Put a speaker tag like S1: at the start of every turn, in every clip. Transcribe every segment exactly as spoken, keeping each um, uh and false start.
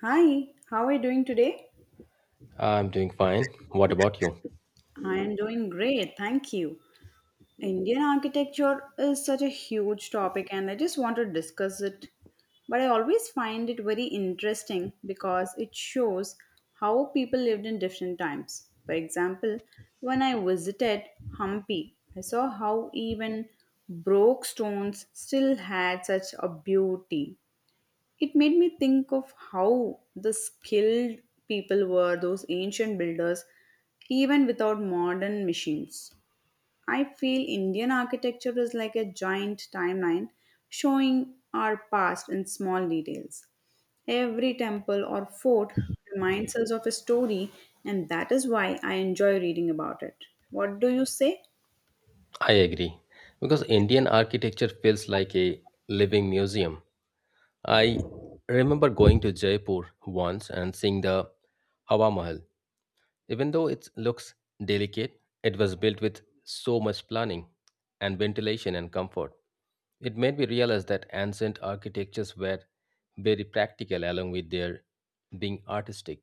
S1: Hi, how are you doing today?
S2: I'm doing fine. What about you?
S1: I am doing great, thank you. Indian architecture is such a huge topic, and I just want to discuss it. But I always find it very interesting because it shows how people lived in different times. For example, when I visited Hampi, I saw how even broke stones still had such a beauty. It made me think of how the skilled people were those ancient builders even without modern machines. I feel Indian architecture is like a giant timeline showing our past in small details. Every temple or fort reminds us of a story, and that is why I enjoy reading about it. What do you say?
S2: I agree. Because Indian architecture feels like a living museum. I remember going to Jaipur once and seeing the Hawa Mahal, even though it looks delicate, it was built with so much planning and ventilation and comfort. It made me realize that ancient architectures were very practical along with their being artistic.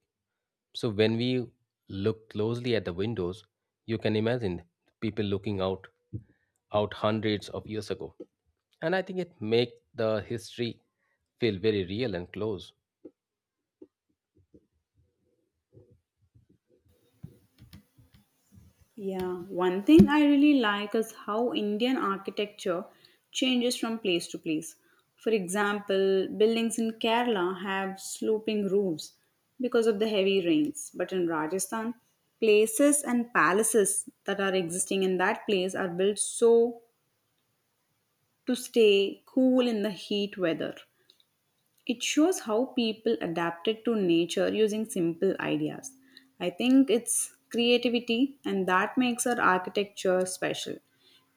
S2: So when we look closely at the windows, you can imagine people looking out out hundreds of years ago. And I think it make the history feel very real and close.
S1: Yeah, one thing I really like is how Indian architecture changes from place to place. For example, buildings in Kerala have sloping roofs because of the heavy rains, but in Rajasthan, places and palaces that are existing in that place are built so to stay cool in the heat weather. It shows how people adapted to nature using simple ideas. I think it's creativity, and that makes our architecture special.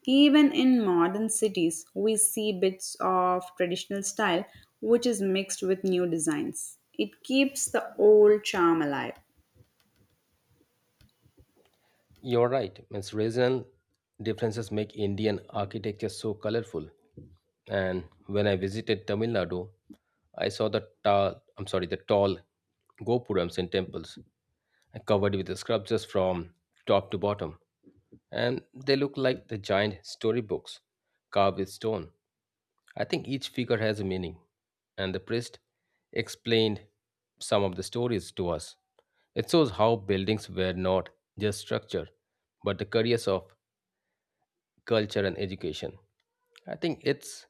S1: Even in modern cities, we see bits of traditional style which is mixed with new designs. It keeps the old charm alive.
S2: You're right. It's regional differences make Indian architecture so colorful. And when I visited Tamil Nadu, I saw the tall, I'm sorry, the tall gopurams and temples and covered with the sculptures from top to bottom. And they look like the giant storybooks carved with stone. I think each figure has a meaning, and the priest explained some of the stories to us. It shows how buildings were not just structure, but the careers of culture and education. I think it's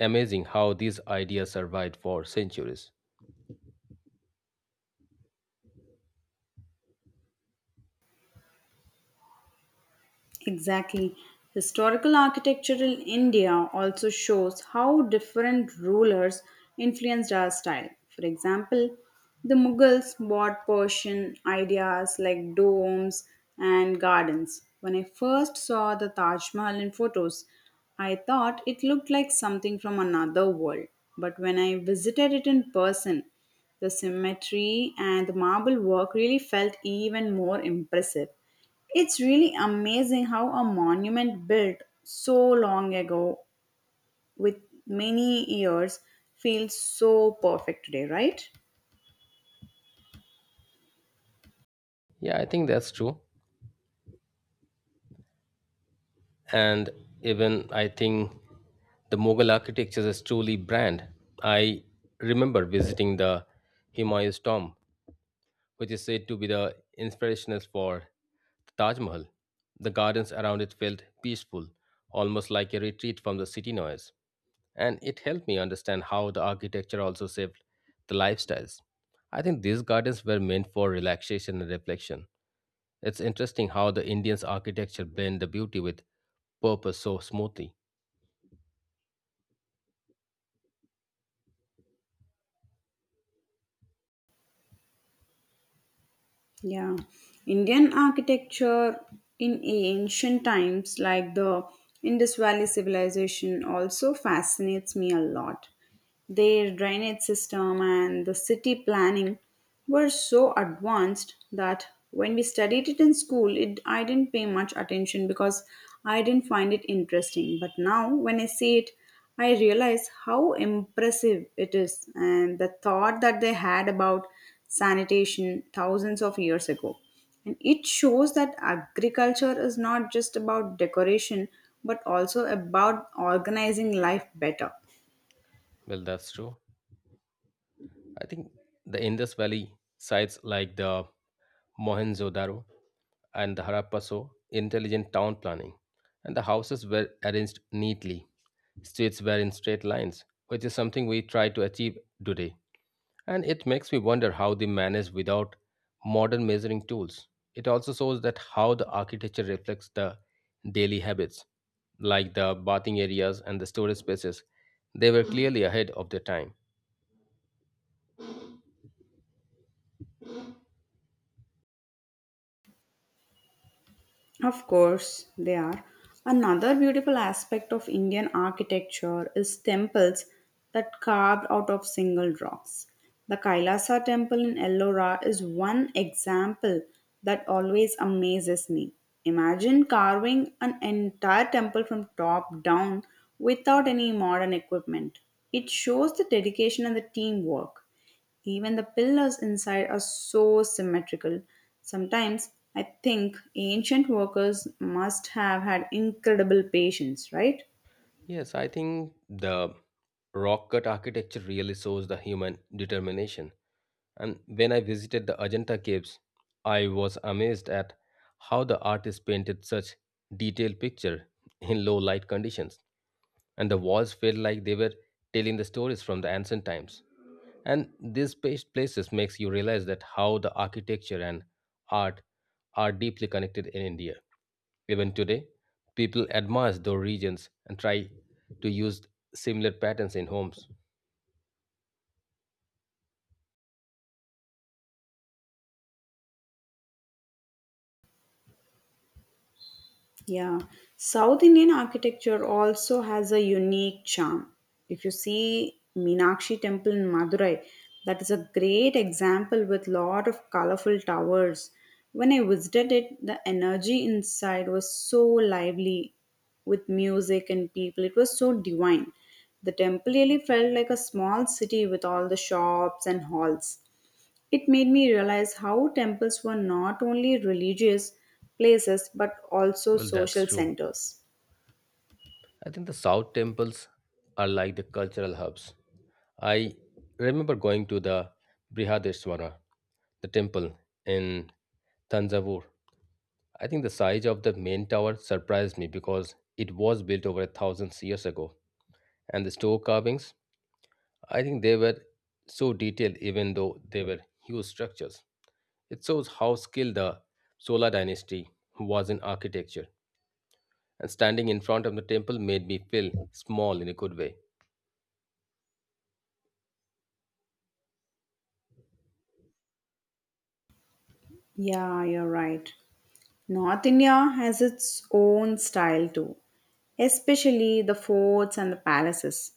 S2: amazing how these ideas survived for centuries.
S1: Exactly. Historical architecture in India also shows how different rulers influenced our style. For example, the Mughals brought Persian ideas like domes and gardens. When I first saw the Taj Mahal in photos, I thought it looked like something from another world. But when I visited it in person, the symmetry and the marble work really felt even more impressive. It's really amazing how a monument built so long ago with many years feels so perfect today, right?
S2: Yeah, I think that's true. And even I think the Mughal architecture is truly brand. I remember visiting the Humayun's tomb which is said to be the inspiration for the Taj Mahal. The gardens around it felt peaceful, almost like a retreat from the city noise, and it helped me understand how the architecture also shaped the lifestyles. I think these gardens were meant for relaxation and reflection. It's interesting how the Indians' architecture blend the beauty with purpose so smoothly.
S1: Yeah, Indian architecture in ancient times, like the Indus Valley civilization, also fascinates me a lot. Their drainage system and the city planning were so advanced that when we studied it in school, it, I didn't pay much attention because I didn't find it interesting. But now, when I see it, I realize how impressive it is and the thought that they had about sanitation thousands of years ago. And it shows that agriculture is not just about decoration but also about organizing life better.
S2: Well, that's true. I think the Indus Valley sites like the Mohenjo-Daro and the Harappa show intelligent town planning, and the houses were arranged neatly. Streets were in straight lines, which is something we try to achieve today. And it makes me wonder how they manage without modern measuring tools. It also shows that how the architecture reflects the daily habits, like the bathing areas and the storage spaces. They were clearly ahead of their time.
S1: Of course, they are. Another beautiful aspect of Indian architecture is temples that carved out of single rocks. The Kailasa temple in Ellora is one example that always amazes me. Imagine carving an entire temple from top down without any modern equipment. It shows the dedication and the teamwork. Even the pillars inside are so symmetrical. Sometimes I think ancient workers must have had incredible patience, right?
S2: Yes, I think the rock cut architecture really shows the human determination. And when I visited the Ajanta caves, I was amazed at how the artist painted such detailed picture in low light conditions. And the walls felt like they were telling the stories from the ancient times. And these pa- places makes you realize that how the architecture and art are deeply connected in India. Even today, people admire those regions and try to use similar patterns in homes.
S1: Yeah, South Indian architecture also has a unique charm. If you see Meenakshi Temple in Madurai, that is a great example with lot of colorful towers. When I visited it, the energy inside was so lively with music and people. It was so divine. The temple really felt like a small city with all the shops and halls. It made me realize how temples were not only religious places but also
S2: Well, that's
S1: social
S2: true.
S1: centers.
S2: I think the South temples are like the cultural hubs. I remember going to the Brihadeshwara, the temple in Tanjavur. I think the size of the main tower surprised me because it was built over a thousand years ago. And the stone carvings, I think they were so detailed even though they were huge structures. It shows how skilled the Chola dynasty was in architecture. And standing in front of the temple made me feel small in a good way.
S1: Yeah, you're right. North India has its own style too, especially the forts and the palaces.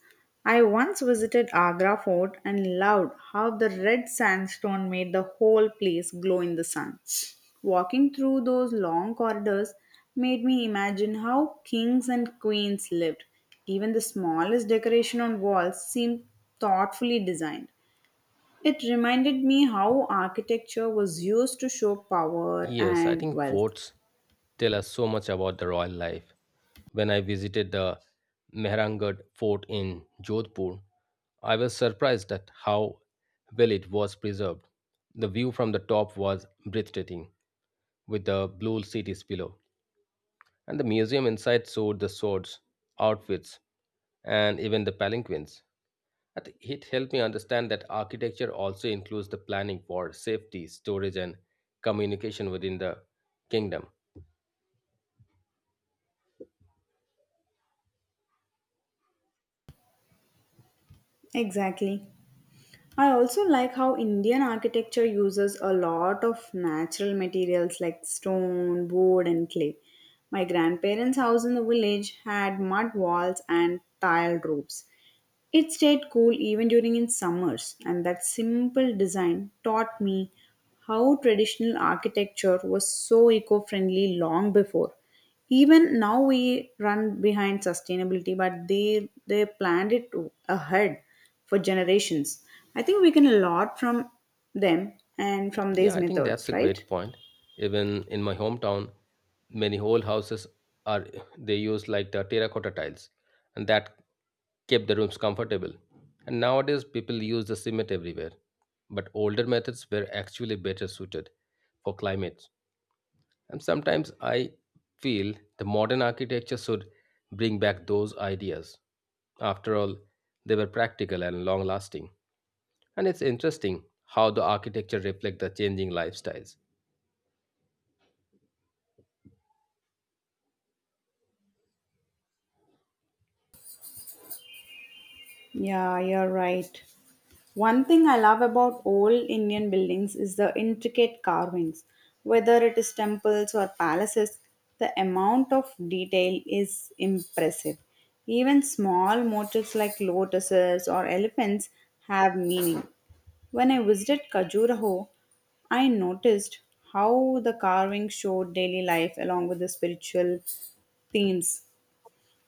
S1: I once visited Agra fort and loved how the red sandstone made the whole place glow in the sun. Walking through those long corridors made me imagine how kings and queens lived. Even the smallest decoration on walls seemed thoughtfully designed. It reminded me how architecture was used to show power
S2: Yes, I
S1: and
S2: think
S1: wealth.
S2: forts tell us so much about the royal life. When I visited the Mehrangarh fort in Jodhpur, I was surprised at how well it was preserved. The view from the top was breathtaking, with the blue cities below. And the museum inside showed the swords, outfits, and even the palanquins. I think it helped me understand that architecture also includes the planning for safety, storage, and communication within the kingdom.
S1: Exactly. I also like how Indian architecture uses a lot of natural materials like stone, wood, and clay. My grandparents' house in the village had mud walls and tiled roofs. It stayed cool even during its summers, and that simple design taught me how traditional architecture was so eco friendly long before. Even now, we run behind sustainability, but they, they planned it ahead for generations. I think we can a lot from them and from
S2: Yeah,
S1: these
S2: I think that's
S1: methods,
S2: a
S1: right?
S2: great point. Even in my hometown, many whole houses are they use like the terracotta tiles, and that kept the rooms comfortable. And nowadays, people use the cement everywhere. But older methods were actually better suited for climate. And sometimes I feel the modern architecture should bring back those ideas. After all, they were practical and long lasting. And it's interesting how the architecture reflects the changing lifestyles.
S1: Yeah, you're right. One thing I love about old Indian buildings is the intricate carvings. Whether it is temples or palaces, the amount of detail is impressive. Even small motifs like lotuses or elephants have meaning. When I visited Khajuraho, I noticed how the carving showed daily life along with the spiritual themes.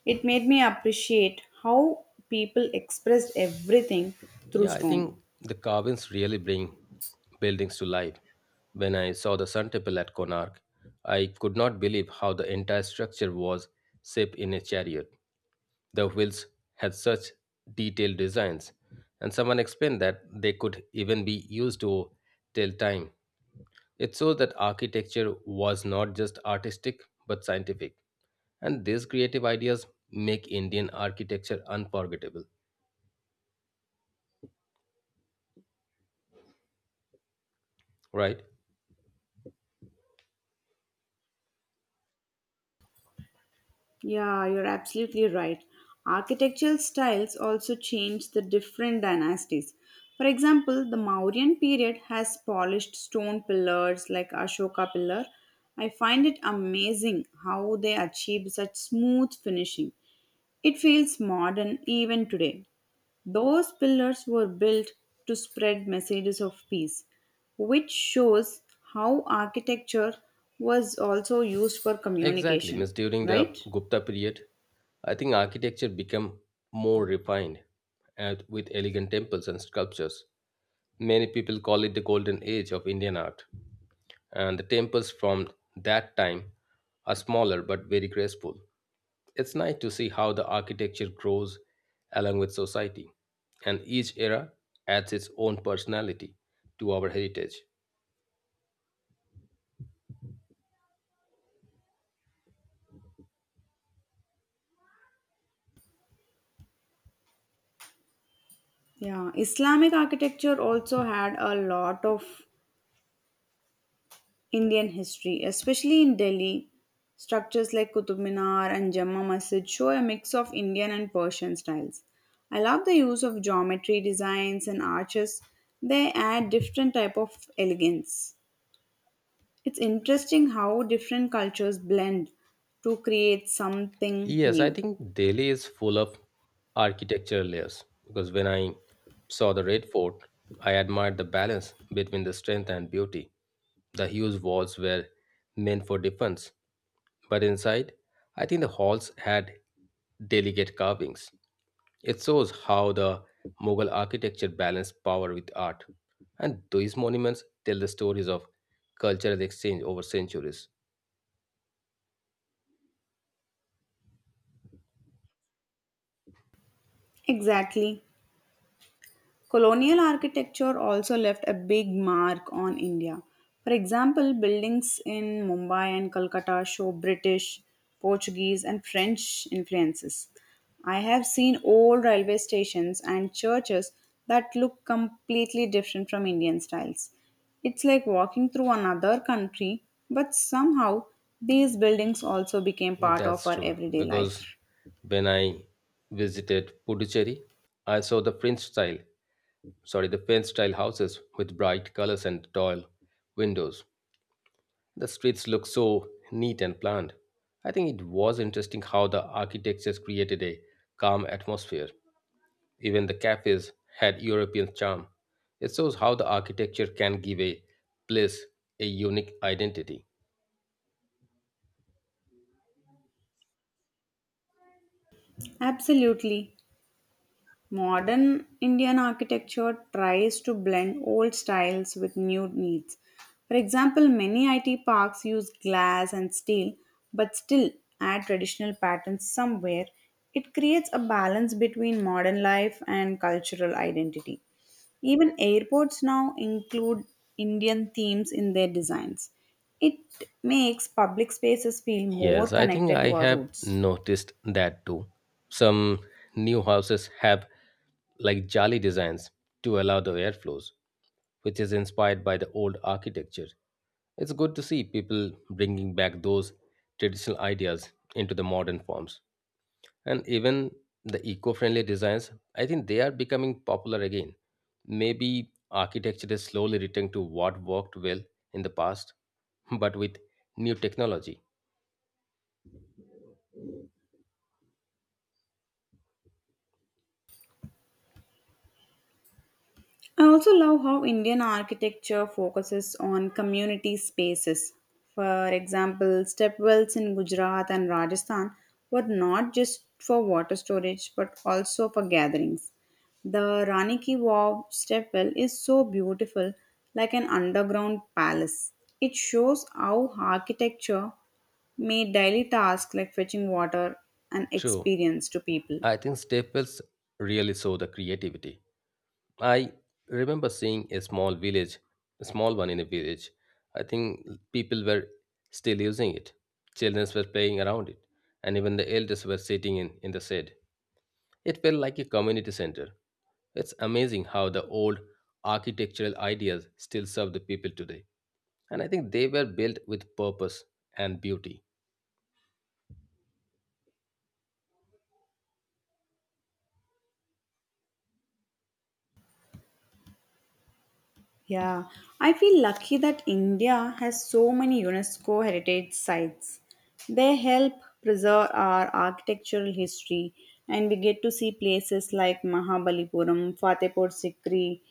S1: It made me appreciate how people expressed everything through
S2: Yeah, I
S1: stone.
S2: think the carvings really bring buildings to life. When I saw the Sun Temple at Konark, I could not believe how the entire structure was shaped in a chariot. The wheels had such detailed designs, and someone explained that they could even be used to tell time. It shows that architecture was not just artistic but scientific, and these creative ideas make Indian architecture unforgettable, right?
S1: Yeah, you're absolutely right. Architectural styles also changed the different dynasties. For example, the Mauryan period has polished stone pillars like Ashoka pillar. I find it amazing how they achieved such smooth finishing. It feels modern even today. Those pillars were built to spread messages of peace, which shows how architecture was also used for
S2: Exactly,
S1: communication,
S2: means during the
S1: right?
S2: Gupta period, I think architecture became more refined and with elegant temples and sculptures. Many people call it the golden age of Indian art. And the temples from that time are smaller but very graceful. It's nice to see how the architecture grows along with society, and each era adds its own personality to our heritage.
S1: Yeah, Islamic architecture also had a lot of Indian history, especially in Delhi. Structures like Qutub Minar and Jama Masjid show a mix of Indian and Persian styles. I love the use of geometry designs and arches. They add different type of elegance. It's interesting how different cultures blend to create something
S2: Yes, I
S1: new.
S2: think Delhi is full of architectural layers because when I saw the Red Fort, I admired the balance between the strength and beauty. The huge walls were meant for defense, but inside, I think the halls had delicate carvings. It shows how the Mughal architecture balanced power with art, and these monuments tell the stories of cultural exchange over centuries.
S1: Exactly. Colonial architecture also left a big mark on India. For example, buildings in Mumbai and Kolkata show British, Portuguese, and French influences. I have seen old railway stations and churches that look completely different from Indian styles. It's like walking through another country, but somehow these buildings also became part of
S2: That's
S1: our
S2: true.
S1: everyday
S2: Because
S1: life.
S2: when I visited Puducherry, I saw the French style, sorry, the French style houses with bright colors and tall windows. The streets looked so neat and planned. I think it was interesting how the architectures created a calm atmosphere. Even the cafes had European charm. It shows how the architecture can give a place a unique identity.
S1: Absolutely. Modern Indian architecture tries to blend old styles with new needs. For example, many I T parks use glass and steel but still add traditional patterns somewhere. It creates a balance between modern life and cultural identity. Even airports now include Indian themes in their designs. It makes public spaces feel more
S2: Yes, I think
S1: connected
S2: I
S1: to our
S2: have
S1: roots.
S2: noticed that too. Some new houses have like jolly designs to allow the airflows, which is inspired by the old architecture. It's good to see people bringing back those traditional ideas into the modern forms. And even the eco friendly designs, I think they are becoming popular again. Maybe architecture is slowly returning to what worked well in the past, but with new technology.
S1: I also love how Indian architecture focuses on community spaces. For example, stepwells in Gujarat and Rajasthan were not just for water storage but also for gatherings. The Rani Ki Vav stepwell is so beautiful, like an underground palace. It shows how architecture made daily tasks like fetching water an
S2: True.
S1: experience to people.
S2: I think Staples really saw the creativity. I remember seeing a small village, a small one in a village. I think people were still using it. Children were playing around it, and even the elders were sitting in, in the shade. It felt like a community center. It's amazing how the old architectural ideas still serve the people today. And I think they were built with purpose and beauty.
S1: Yeah, I feel lucky that India has so many UNESCO heritage sites. They help preserve our architectural history, and we get to see places like Mahabalipuram, Fatehpur Sikri,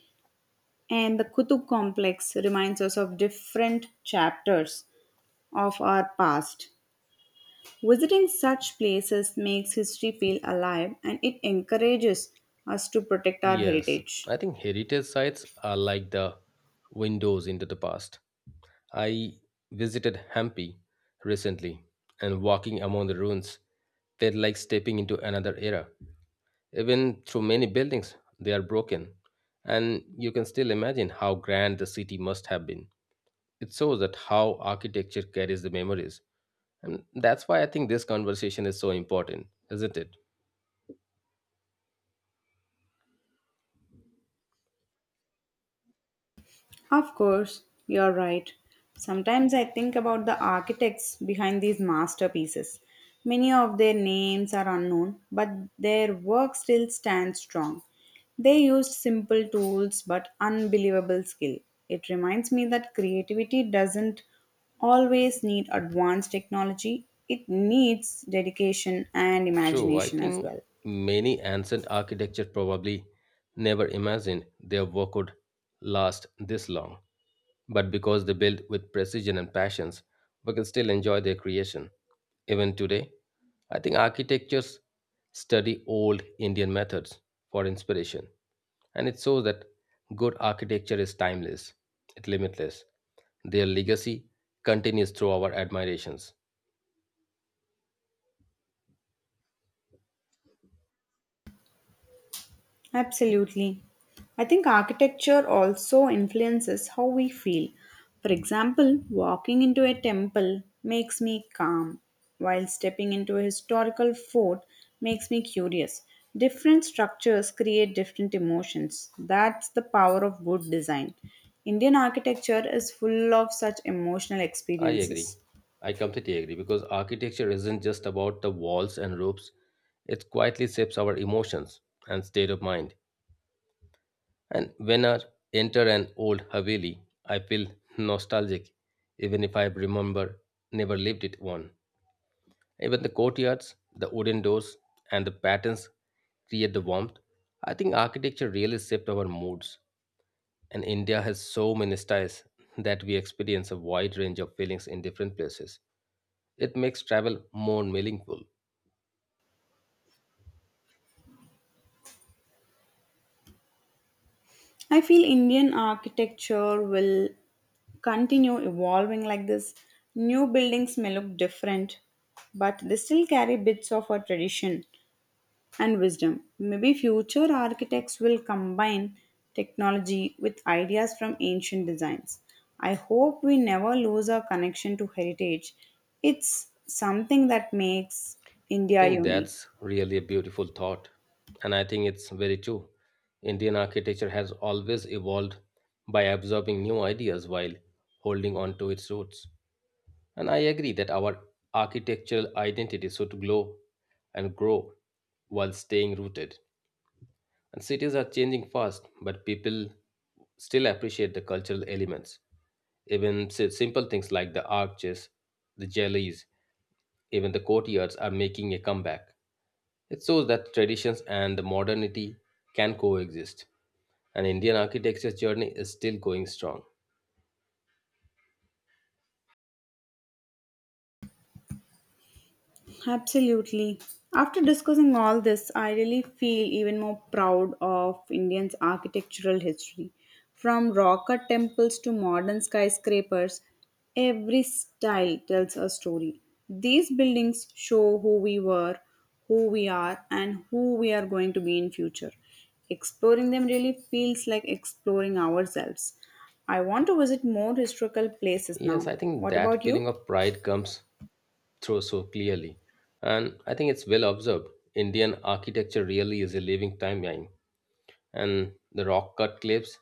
S1: and the Kutub complex reminds us of different chapters of our past. Visiting such places makes history feel alive and it encourages us to protect our
S2: Yes,
S1: heritage.
S2: I think heritage sites are like the windows into the past. I visited Hampi recently, and walking among the ruins felt like stepping into another era. Even through many buildings, they are broken, and you can still imagine how grand the city must have been. It shows that how architecture carries the memories, and that's why I think this conversation is so important, isn't it?
S1: Of course, you're right. Sometimes I think about the architects behind these masterpieces. Many of their names are unknown, but their work still stands strong. They used simple tools but unbelievable skill. It reminds me that creativity doesn't always need advanced technology, it needs dedication and
S2: True, I
S1: imagination as
S2: think
S1: well.
S2: many ancient architecture probably never imagined their work would last this long. But because they built with precision and passions, we can still enjoy their creation. Even today, I think architectures study old Indian methods for inspiration. And it shows that good architecture is timeless, it's limitless. Their legacy continues through our admirations.
S1: Absolutely. I think architecture also influences how we feel. For example, walking into a temple makes me calm, while stepping into a historical fort makes me curious. Different structures create different emotions. That's the power of good design. Indian architecture is full of such emotional
S2: I agree.
S1: experiences.
S2: I completely agree because architecture isn't just about the walls and roofs. It quietly shapes our emotions and state of mind. And when I enter an old Haveli, I feel nostalgic, even if I remember never lived it one. Even the courtyards, the wooden doors, and the patterns create the warmth. I think architecture really shaped our moods, and India has so many styles that we experience a wide range of feelings in different places. It makes travel more meaningful. I
S1: I feel Indian architecture will continue evolving like this. New buildings may look different, but they still carry bits of our tradition and wisdom. Maybe future architects will combine technology with ideas from ancient designs. I hope we never lose our connection to heritage. It's something that makes India
S2: think
S1: unique.
S2: that's really a beautiful thought. And I think it's very true. Indian architecture has always evolved by absorbing new ideas while holding on to its roots. And I agree that our architectural identity should glow and grow while staying rooted. And cities are changing fast, but people still appreciate the cultural elements, even si- simple things like the arches, the jellies, even the courtyards are making a comeback. It shows that traditions and the modernity can coexist, and Indian architecture's journey is still going strong.
S1: Absolutely. After discussing all this, I really feel even more proud of India's architectural history. From rocker temples to modern skyscrapers, every style tells a story. These buildings show who we were, who we are, and who we are going to be in future. Exploring them really feels like exploring ourselves. I want to visit more historical places
S2: Yes,
S1: now.
S2: I think
S1: What
S2: that
S1: about
S2: feeling
S1: you?
S2: of pride comes through so clearly, and I think it's well observed. Indian architecture really is a living timeline, and the rock cut cliffs,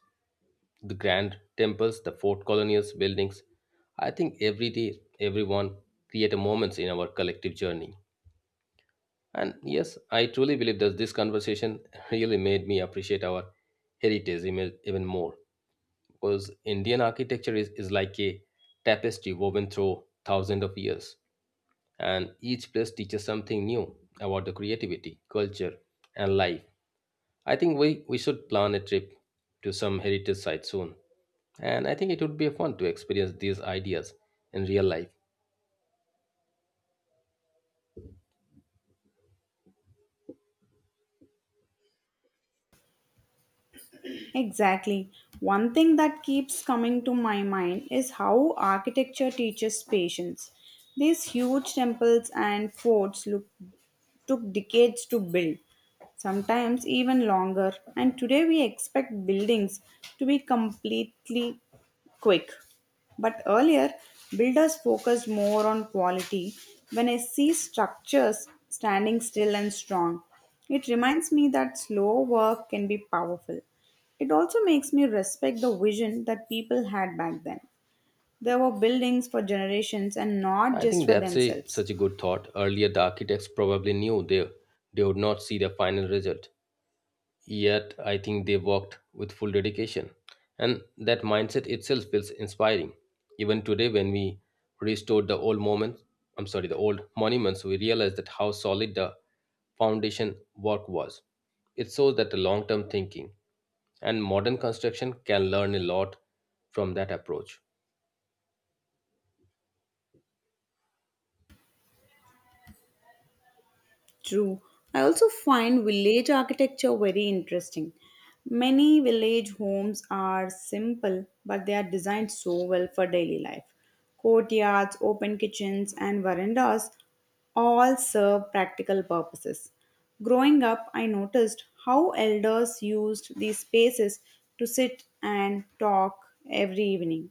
S2: the grand temples, the fort colonials buildings. I think every day, everyone create a moments in our collective journey. And yes, I truly believe that this conversation really made me appreciate our heritage even even more because Indian architecture is, is like a tapestry woven through thousands of years, and each place teaches something new about the creativity, culture, and life. I think we, we should plan a trip to some heritage site soon, and I think it would be fun to experience these ideas in real life.
S1: Exactly. One thing that keeps coming to my mind is how architecture teaches patience. These huge temples and forts look took decades to build, sometimes even longer, and today we expect buildings to be completely quick. But earlier, builders focused more on quality. When I see structures standing still and strong, it reminds me that slow work can be powerful. It also makes me respect the vision that people had back then. There were buildings for generations and not
S2: I
S1: just
S2: think
S1: for
S2: that's a
S1: themselves.
S2: such a good thought. Earlier, the architects probably knew they they would not see the final result. Yet, I think they worked with full dedication, and that mindset itself feels inspiring. Even today, when we restored the old moments, I'm sorry, the old monuments, we realized that how solid the foundation work was. It shows that the long-term thinking and modern construction can learn a lot from that approach.
S1: True. I also find village architecture very interesting. Many village homes are simple, but they are designed so well for daily life. Courtyards, open kitchens, and verandas all serve practical purposes. Growing up, I noticed how elders used these spaces to sit and talk every evening.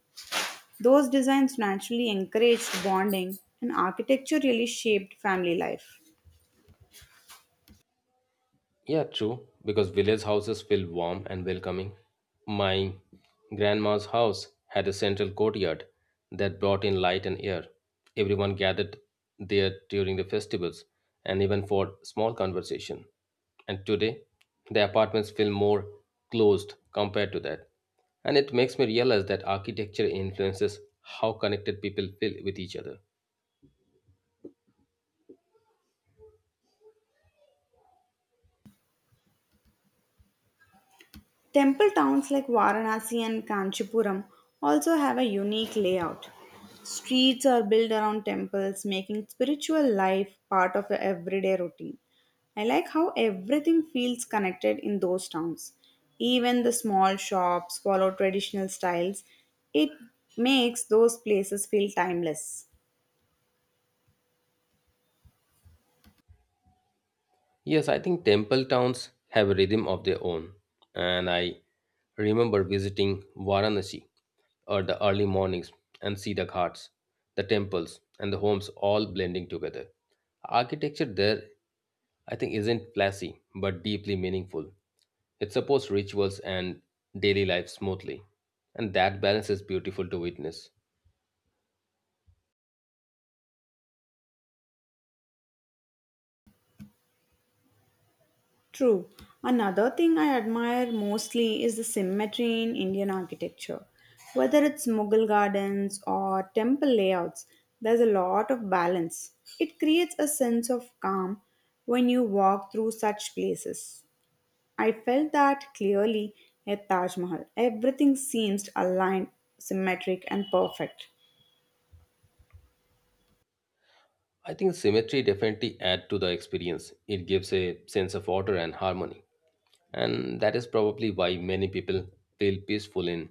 S1: Those designs naturally encouraged bonding, and architecture really shaped family life.
S2: Yeah, true. Because village houses feel warm and welcoming. My grandma's house had a central courtyard that brought in light and air. Everyone gathered there during the festivals and even for small conversation. And today, the apartments feel more closed compared to that. And it makes me realize that architecture influences how connected people feel with each other.
S1: Temple towns like Varanasi and Kanchipuram also have a unique layout. Streets are built around temples, making spiritual life part of the everyday routine. I like how everything feels connected in those towns. Even the small shops follow traditional styles. It makes those places feel timeless.
S2: Yes, I think temple towns have a rhythm of their own. And I remember visiting Varanasi or the early mornings and see the ghats, the temples, and the homes all blending together. Architecture there, I think, isn't flashy but deeply meaningful. It supports rituals and daily life smoothly. And that balance is beautiful to witness.
S1: True. Another thing I admire mostly is the symmetry in Indian architecture. Whether it's Mughal gardens or temple layouts, there's a lot of balance. It creates a sense of calm when you walk through such places. I felt that clearly at Taj Mahal. Everything seems aligned, symmetric, and perfect.
S2: I think symmetry definitely adds to the experience. It gives a sense of order and harmony. And that is probably why many people feel peaceful in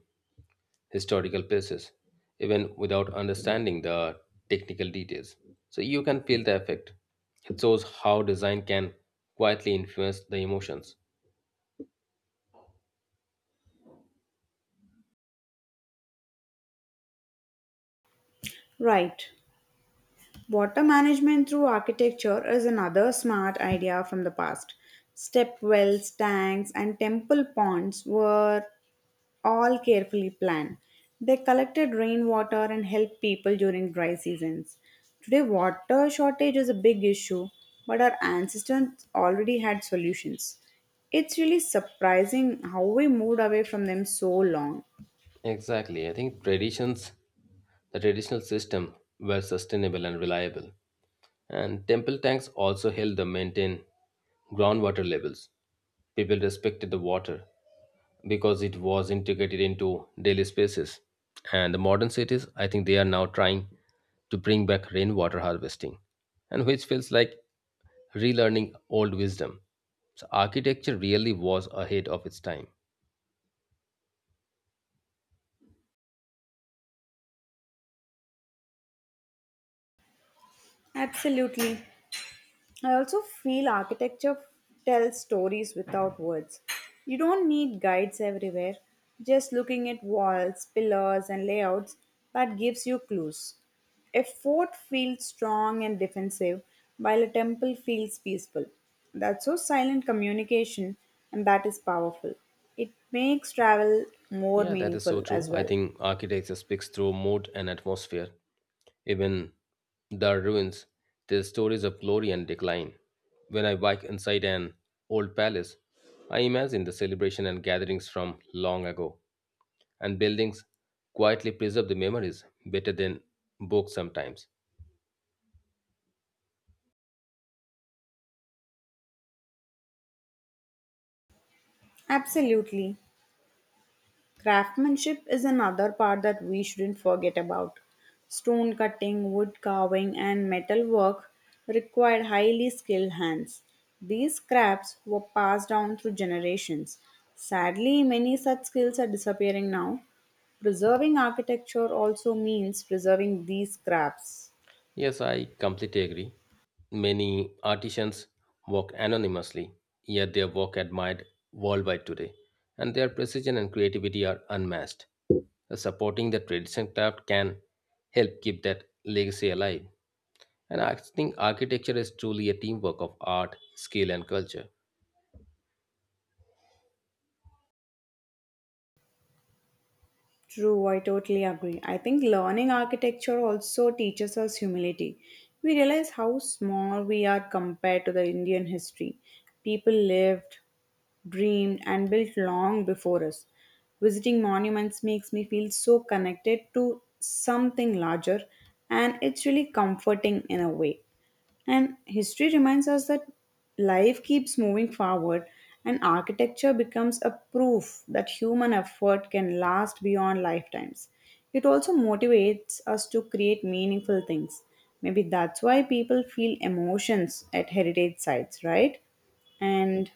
S2: historical places, even without understanding the technical details. So you can feel the effect. It shows how design can quietly influence the emotions.
S1: Right. Water management through architecture is another smart idea from the past. Step wells, tanks, and temple ponds were all carefully planned. They collected rainwater and helped people during dry seasons. Today, water shortage is a big issue, but our ancestors already had solutions. It's really surprising how we moved away from them so long.
S2: Exactly. I think traditions, the traditional system were sustainable and reliable. And temple tanks also helped them maintain groundwater levels. People respected the water because it was integrated into daily spaces. And the modern cities, I think they are now trying to bring back rainwater harvesting, and which feels like relearning old wisdom. So architecture really was ahead of its time.
S1: Absolutely. I also feel architecture tells stories without words. You don't need guides everywhere. Just looking at walls, pillars, and layouts that gives you clues. A fort feels strong and defensive, while a temple feels peaceful. That's so silent communication, and that is powerful. It makes travel more
S2: Yeah, that is so
S1: meaningful as
S2: true. I
S1: well.
S2: think architecture speaks through mood and atmosphere. Even the ruins tell stories of glory and decline. When I walk inside an old palace, I imagine the celebration and gatherings from long ago, and buildings quietly preserve the memories better than books sometimes.
S1: Absolutely. Craftsmanship is another part that we shouldn't forget about. Stone cutting, wood carving, and metal work required highly skilled hands. These crafts were passed down through generations. Sadly, many such skills are disappearing now. Preserving architecture also means preserving these crafts.
S2: Yes, I completely agree. Many artisans work anonymously, yet their work admired worldwide today, and their precision and creativity are unmatched. Supporting the traditional craft can help keep that legacy alive. And I think architecture is truly a teamwork of art, skill, and culture.
S1: True, I totally agree. I think learning architecture also teaches us humility. We realize how small we are compared to the Indian history. People lived, dreamed, and built long before us. Visiting monuments makes me feel so connected to something larger, and it's really comforting in a way. And history reminds us that life keeps moving forward, and architecture becomes a proof that human effort can last beyond lifetimes. It also motivates us to create meaningful things. Maybe that's why people feel emotions at heritage sites, right? And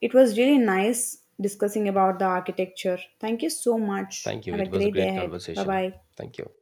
S1: it was really nice discussing about the architecture. Thank you so much.
S2: Thank you.
S1: Have a
S2: It was a
S1: great day
S2: great
S1: ahead. Bye
S2: conversation.
S1: bye.
S2: Thank you.